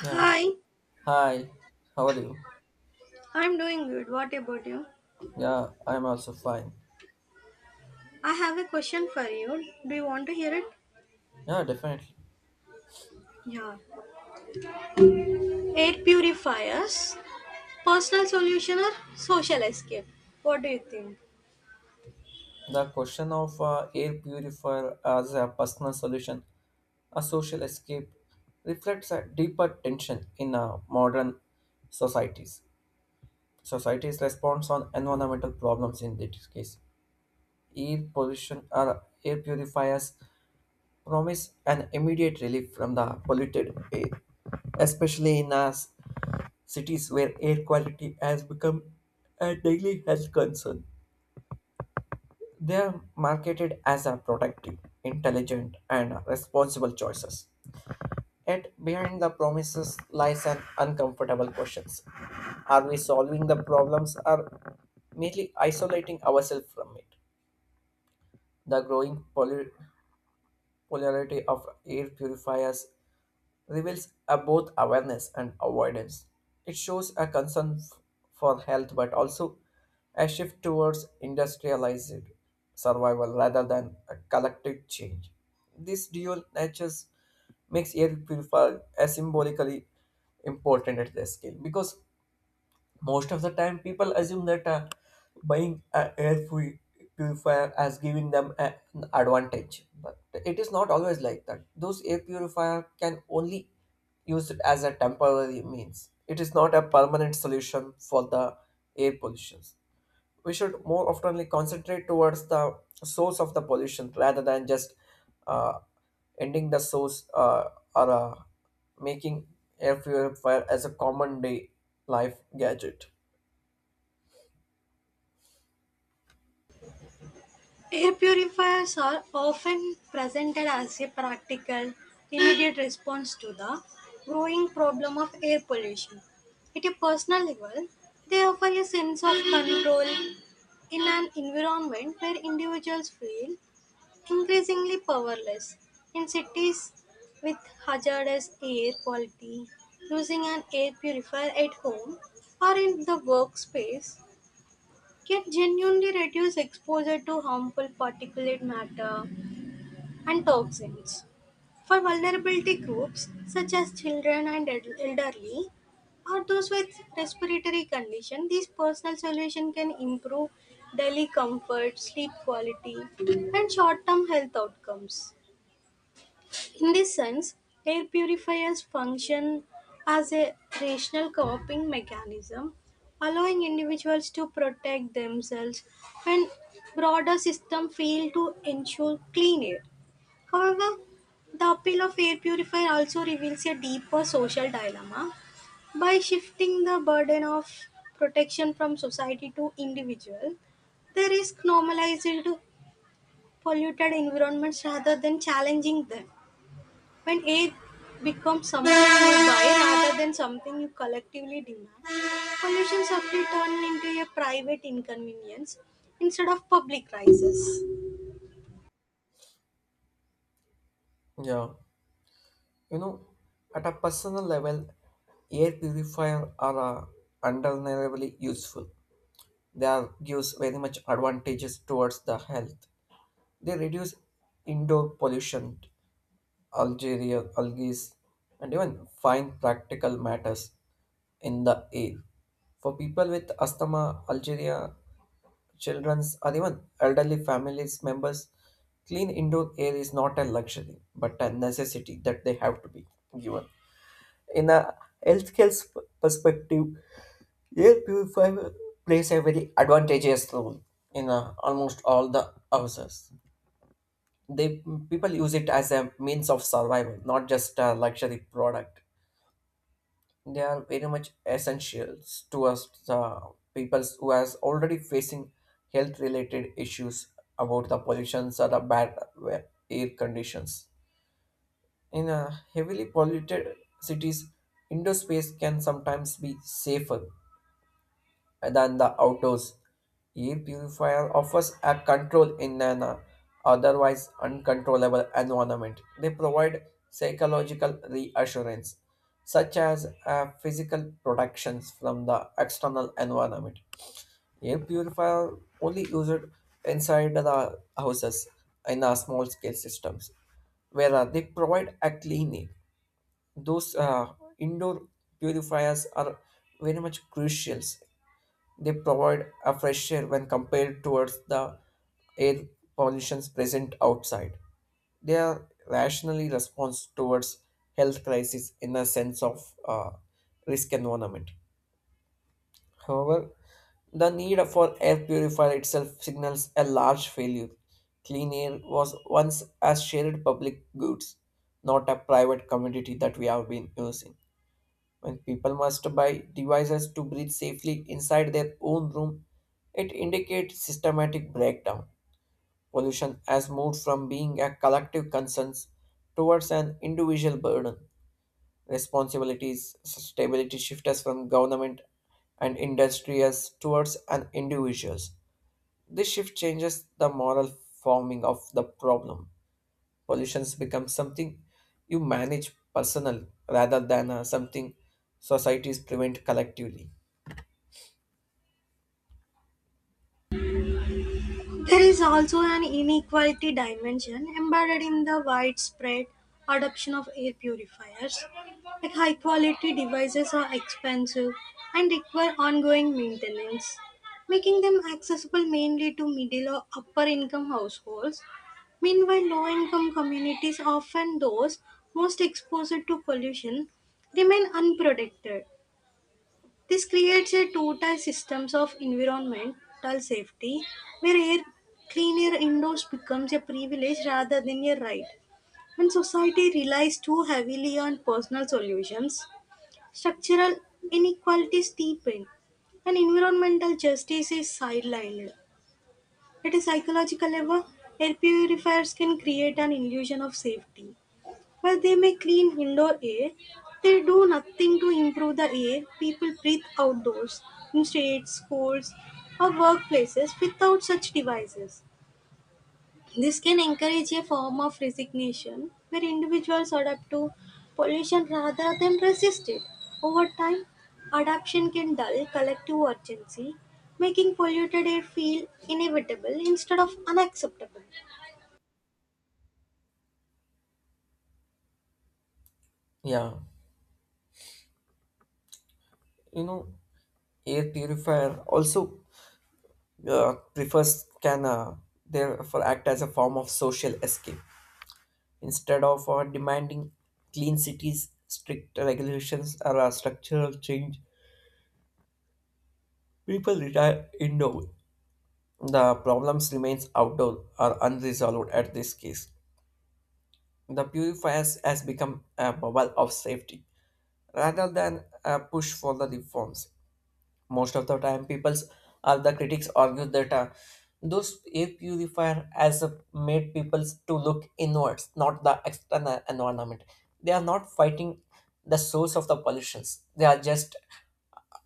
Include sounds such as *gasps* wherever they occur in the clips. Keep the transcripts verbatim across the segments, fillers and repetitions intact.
Yeah. Hi. How are you? I'm doing good. What about you? Yeah, I'm also fine. I have a question for you. Do you want to hear it? Yeah, definitely. Yeah. Air purifiers, personal solution or social escape? What do you think? The question of uh, air purifier as a personal solution, a social escape, reflects a deeper tension in uh, modern societies. Society's response on environmental problems in this case. Air pollution or air purifiers promise an immediate relief from the polluted air, especially in us cities where air quality has become a daily health concern. They are marketed as a productive, intelligent, and responsible choices. Yet behind the promises lies an uncomfortable questions. Are we solving the problems or merely isolating ourselves from it? The growing poly- popularity of air purifiers reveals a both awareness and avoidance. It shows a concern f- for health but also a shift towards industrialized survival rather than a collective change. This dual nature makes air purifier a symbolically important at the scale because most of the time people assume that uh, buying an air puri- purifier as giving them a- an advantage but it is not always like that those air purifier can only use it as a temporary means it is not a permanent solution for the air pollution we should more oftenly concentrate towards the source of the pollution rather than just uh, ending the source uh, or uh, making air purifier as a common day life gadget. Air purifiers are often presented as a practical, immediate *gasps* response to the growing problem of air pollution. At a personal level, they offer a sense of control in an environment where individuals feel increasingly powerless. In cities with hazardous air quality, using an air purifier at home or in the workspace can genuinely reduce exposure to harmful particulate matter and toxins. For vulnerability groups such as children and el- elderly, or those with respiratory condition, these personal solutions can improve daily comfort, sleep quality, and short-term health outcomes. In this sense, air purifiers function as a rational coping mechanism, allowing individuals to protect themselves when broader systems fail to ensure clean air. However, the appeal of air purifier also reveals a deeper social dilemma by shifting the burden of protection from society to individual. The risk normalized polluted environments rather than challenging them. When aid becomes something you buy rather than something you collectively demand, pollution suddenly turns into a private inconvenience instead of public crisis. Yeah, you know, at a personal level, air purifier are uh, undeniably useful. They are gives very much advantages towards the health. They reduce indoor pollution, algae, algae, and even fine practical matters in the air. For people with asthma, Algeria, children's, or even elderly families members, clean indoor air is not a luxury but a necessity that they have to be given. In a healthcare sp- perspective, air purifier plays a very advantageous role in uh, almost all the houses. They people use it as a means of survival, not just a luxury product. They are very much essentials to us uh, people who are already facing health-related issues about the pollutions or the bad uh, air conditions. In uh, heavily polluted cities, indoor space can sometimes be safer than the outdoors. Air purifier offers a control in an uh, otherwise uncontrollable environment. They provide psychological reassurance, such as uh, physical protections from the external environment. Air purifier only used inside the houses in a small scale systems, where uh, they provide a clean air. Those uh, indoor purifiers are very much crucial. They provide a fresh air when compared towards the air pollutions present outside. They are rationally response towards health crisis in a sense of uh, risk environment. However, the need for air purifier itself signals a large failure. Clean air was once a shared public goods, not a private commodity that we have been using. When people must buy devices to breathe safely inside their own room, it indicates systematic breakdown. Pollution has moved from being a collective concern towards an individual burden. Responsibilities, stability shift us from government and industries towards an individuals. This shift changes the moral forming of the problem. Pollutions become something you manage personal rather than uh, something societies prevent collectively. There is also an inequality dimension embedded in the widespread adoption of air purifiers. Like, high quality devices are expensive and require ongoing maintenance, making them accessible mainly to middle or upper income households. Meanwhile, low income communities, often those most exposed to pollution, remain unprotected. This creates a two-tier systems of environmental safety where air, clean air indoors becomes a privilege rather than a right. When society relies too heavily on personal solutions, structural inequalities deepen and environmental justice is sidelined. At a psychological level, air purifiers can create an illusion of safety. While they may clean indoor air, they do nothing to improve the air people breathe outdoors, in streets, schools, or workplaces without such devices. This can encourage a form of resignation where individuals adapt to pollution rather than resist it. Over time, adaptation can dull collective urgency, making polluted air feel inevitable instead of unacceptable. Yeah, you know, air purifier also uh, prefers can uh, therefore act as a form of social escape instead of uh, demanding clean cities, strict regulations, or uh, structural change. People retire indoor. The problems remains outdoor or unresolved at this case. The purifiers has become a bubble of safety rather than a push for the reforms. Most of the time, people or the critics argue that uh, those air purifier has uh, made people to look inwards, not the external environment. They are not fighting the source of the pollutions. They are just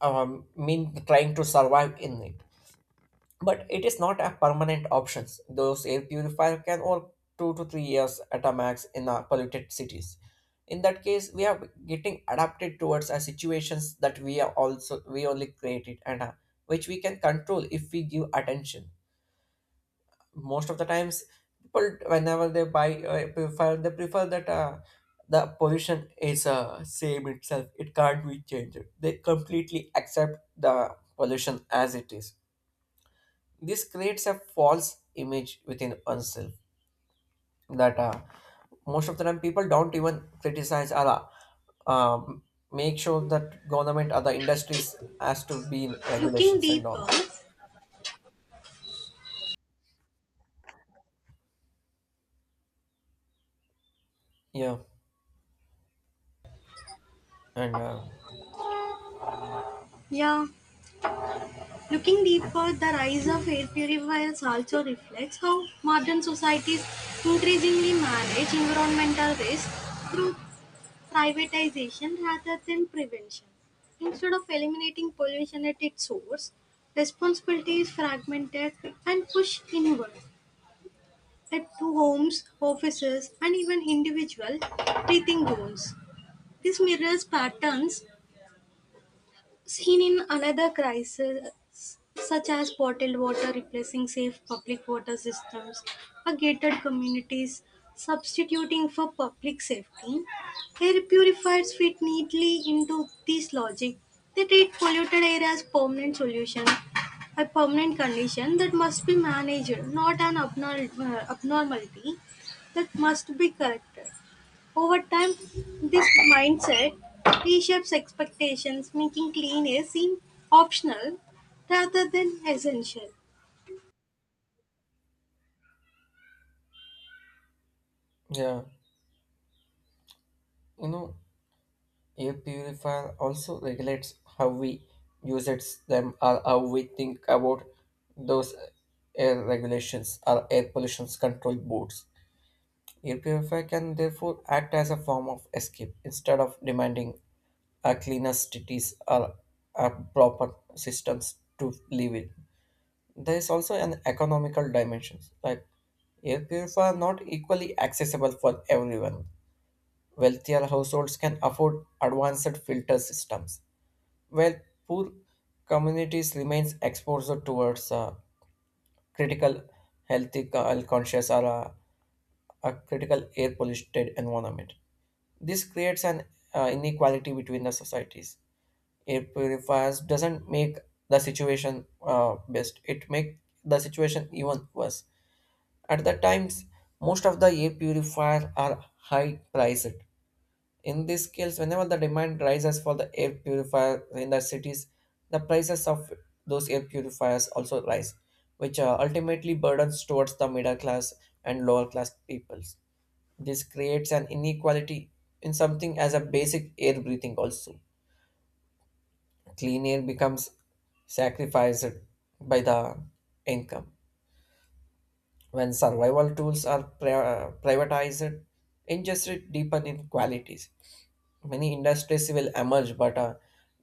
um, mean trying to survive in it but it is not a permanent option. Those air purifier can work two to three years at a max in our polluted cities. In that case, we are getting adapted towards our situations that we are also we only created and uh, which we can control if we give attention. Most of the times, people whenever they buy uh, purifier, they prefer that uh, the pollution is uh, same itself. It can't be changed. They completely accept the pollution as it is. This creates a false image within oneself that uh, most of the time people don't even criticize or uh, um, make sure that government or the industries has to be in Looking regulations and deeper, all. Yeah, and uh, yeah, Looking deeper, the rise of air purifiers also reflects how modern societies increasingly manage environmental waste through privatization rather than prevention. Instead of eliminating pollution at its source, responsibility is fragmented and pushed inward at to homes, offices, and even individual breathing goals. This mirrors patterns seen in another crisis such as bottled water replacing safe public water systems or gated communities substituting for public safety. Air purifiers fit neatly into this logic. They treat polluted air as permanent solution, a permanent condition that must be managed, not an abnormal, abnormality that must be corrected. Over time, this mindset reshapes expectations, making clean air seem optional rather than essential. yeah, you know, air purifier also regulates how we use it them or how we think about those uh, air regulations or air pollution control boards. Air can therefore act as a form of escape instead of demanding a cleaner cities or a proper systems to live in. There is also an economical dimension, like air purifier not equally accessible for everyone. Wealthier households can afford advanced filter systems, while poor communities remains exposed towards uh, critical healthy co- conscious or uh, a critical air polluted environment. This creates an uh, inequality between the societies. Air purifiers doesn't make the situation uh, best; it make the situation even worse. At the times, most of the air purifier are high priced. In these scales, whenever the demand rises for the air purifier in the cities, the prices of those air purifiers also rise, which uh, ultimately burdens towards the middle class and lower class peoples. This creates an inequality in something as a basic air breathing also. Clean air becomes sacrificed by the income. When survival tools are pri- uh, privatized, injustice deepen inequalities. Many industries will emerge, but uh,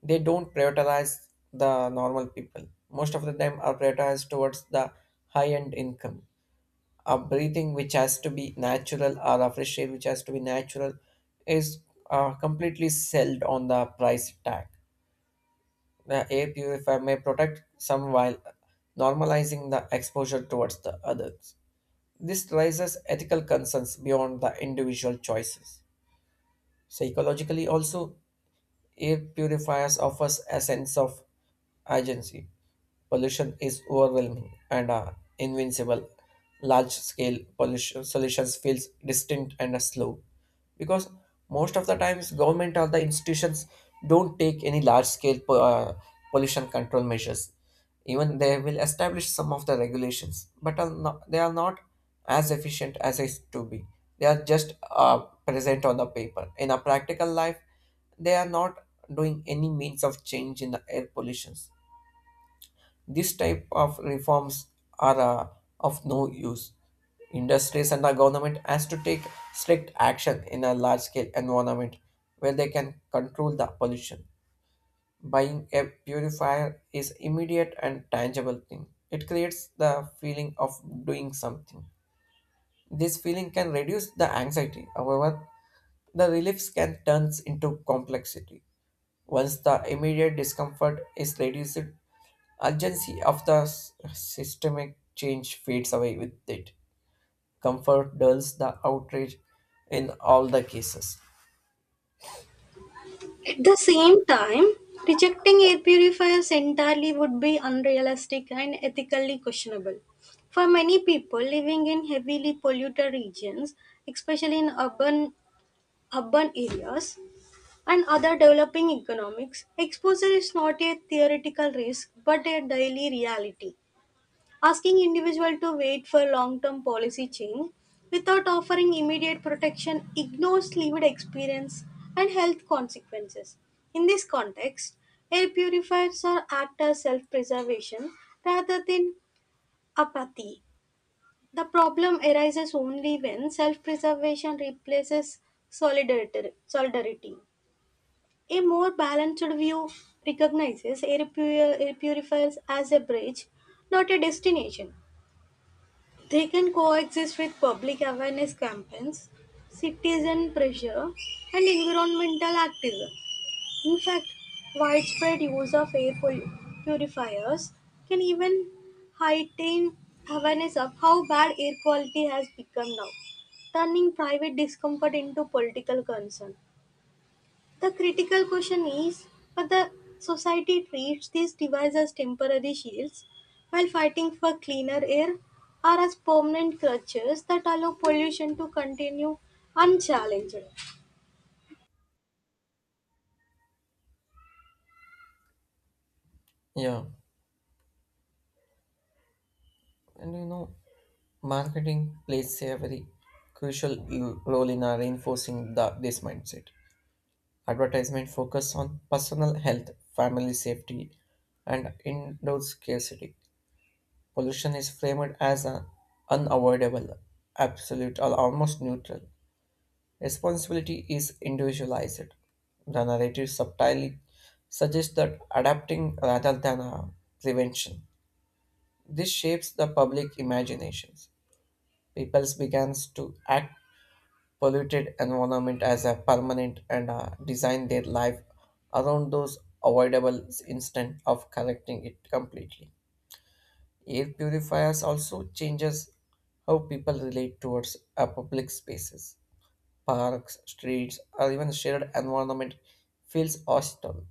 they don't prioritize the normal people. Most of the time are prioritized towards the high-end income. A breathing which has to be natural or a fresh air which has to be natural is uh, completely sold on the price tag. The air purifier may protect some while normalizing the exposure towards the others. This raises ethical concerns beyond the individual choices. Psychologically, also, air purifiers offers a sense of agency. Pollution is overwhelming and uh, invincible. Large scale pollution solutions feels distant and uh, slow because most of the times government or the institutions don't take any large scale po- uh, pollution control measures. Even they will establish some of the regulations, but are not, they are not as efficient as it to be. They are just uh, present on the paper. In a practical life, they are not doing any means of change in the air pollution. This type of reforms are uh, of no use. Industries and the government has to take strict action in a large scale environment where they can control the pollution. Buying a purifier is immediate and tangible thing. It creates the feeling of doing something. This feeling can reduce the anxiety. However, the reliefs can turn into complexity. Once the immediate discomfort is reduced, urgency of the s- systemic change fades away with it. Comfort dulls the outrage in all the cases. At the same time, rejecting air purifiers entirely would be unrealistic and ethically questionable. For many people living in heavily polluted regions, especially in urban urban areas and other developing economics, exposure is not a theoretical risk but a daily reality. Asking individual to wait for long-term policy change without offering immediate protection ignores lived experience and health consequences. In this context, air purifiers are act as self-preservation rather than apathy. The problem arises only when self-preservation replaces solidarity. solidarity. A more balanced view recognizes air, pu- air purifiers as a bridge, not a destination. They can coexist with public awareness campaigns, citizen pressure, and environmental activism. In fact, widespread use of air pol- purifiers can even heighten awareness of how bad air quality has become now, turning private discomfort into political concern. The critical question is whether society treats these devices as temporary shields while fighting for cleaner air or as permanent crutches that allow pollution to continue unchallenged. Yeah, and you know, marketing plays a very crucial l- role in uh, reinforcing the, this mindset. Advertisement focus on personal health, family safety, and indoor scarcity. Pollution is framed as an unavoidable, absolute, or almost neutral. Responsibility is individualized. The narrative subtly suggests that adapting rather than uh, prevention. This shapes the public imaginations. People begins to act polluted environment as a permanent and uh, design their life around those avoidable instant of correcting it completely. Air purifiers also changes how people relate towards uh, public spaces. Parks, streets, or even shared environment feels hostile.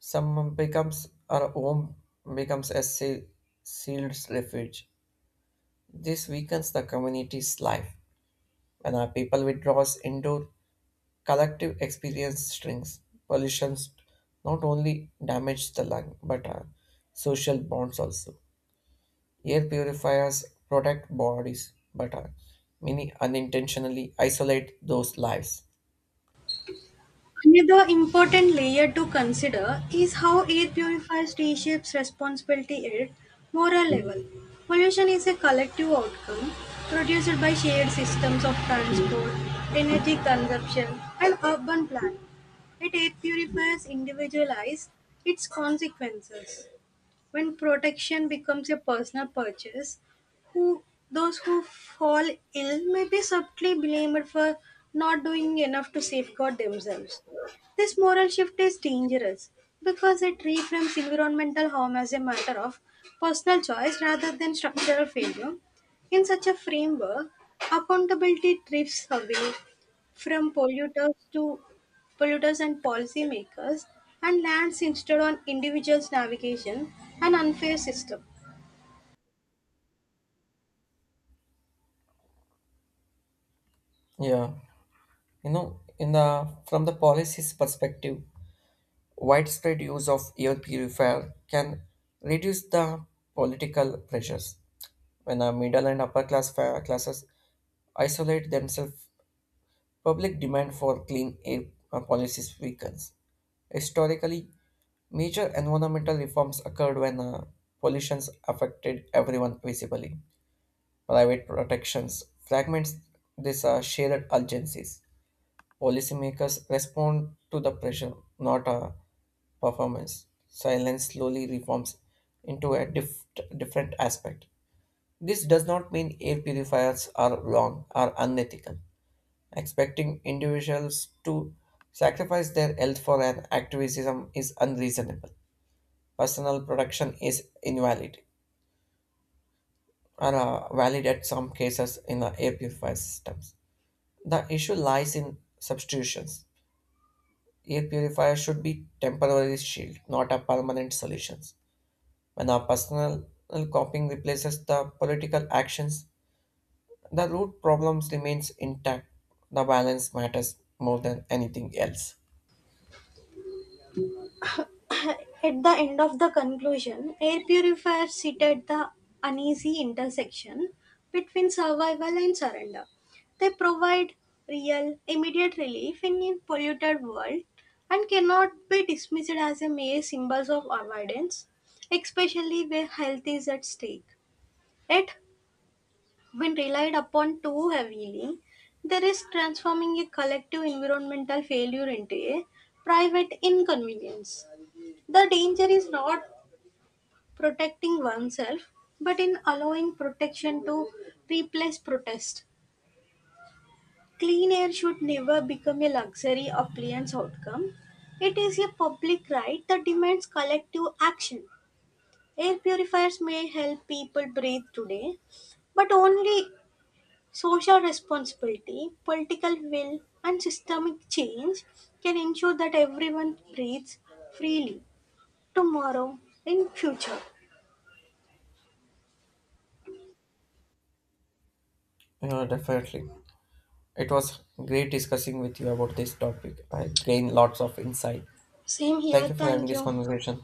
Some becomes our home becomes a se- sealed refuge. This weakens the community's life. When our people withdraws indoor, collective experience shrinks. Pollution not only damage the lung but our social bonds also. Air purifiers protect bodies, but uh, many unintentionally isolate those lives. Another important layer to consider is how air purifiers reshapes responsibility at moral level. Pollution is a collective outcome produced by shared systems of transport, energy consumption, and urban planning. Yet air purifiers individualize its consequences. When protection becomes a personal purchase, who those who fall ill may be subtly blamed for not doing enough to safeguard themselves. This moral shift is dangerous because it reframes environmental harm as a matter of personal choice rather than structural failure. In such a framework, accountability drifts away from polluters to polluters and policymakers and lands instead on individuals navigation an unfair system. Yeah, you know, in the from the policy's perspective, widespread use of air purifier can reduce the political pressures when the middle and upper class fa- classes isolate themselves. Public demand for clean air uh, policies weakens. Historically, major environmental reforms occurred when uh, pollutions affected everyone visibly. Private protections fragments these uh, shared urgencies. Policymakers respond to the pressure, not uh, performance. Silence slowly reforms into a dif- different aspect. This does not mean air purifiers are wrong or unethical. Expecting individuals to sacrifice their health for an activism is unreasonable. Personal production is invalid or uh, valid at some cases in the air purifier systems. The issue lies in substitutions. Air purifier should be temporary shield, not a permanent solution. When our personal coping replaces the political actions, the root problems remains intact. The balance matters more than anything else. At the end of the conclusion, air purifiers sit at the uneasy intersection between survival and surrender. They provide real immediate relief in a polluted world and cannot be dismissed as a mere symbols of avoidance, especially where health is at stake. Yet when relied upon too heavily, there is transforming a collective environmental failure into a private inconvenience. The danger is not protecting oneself, but in allowing protection to replace protest. Clean air should never become a luxury appliance outcome. It is a public right that demands collective action. Air purifiers may help people breathe today, but only social responsibility, political will, and systemic change can ensure that everyone breathes freely tomorrow in future. Yeah, definitely. It was great discussing with you about this topic. I gained lots of insight. Same Thank here. you for having Thank this you. conversation.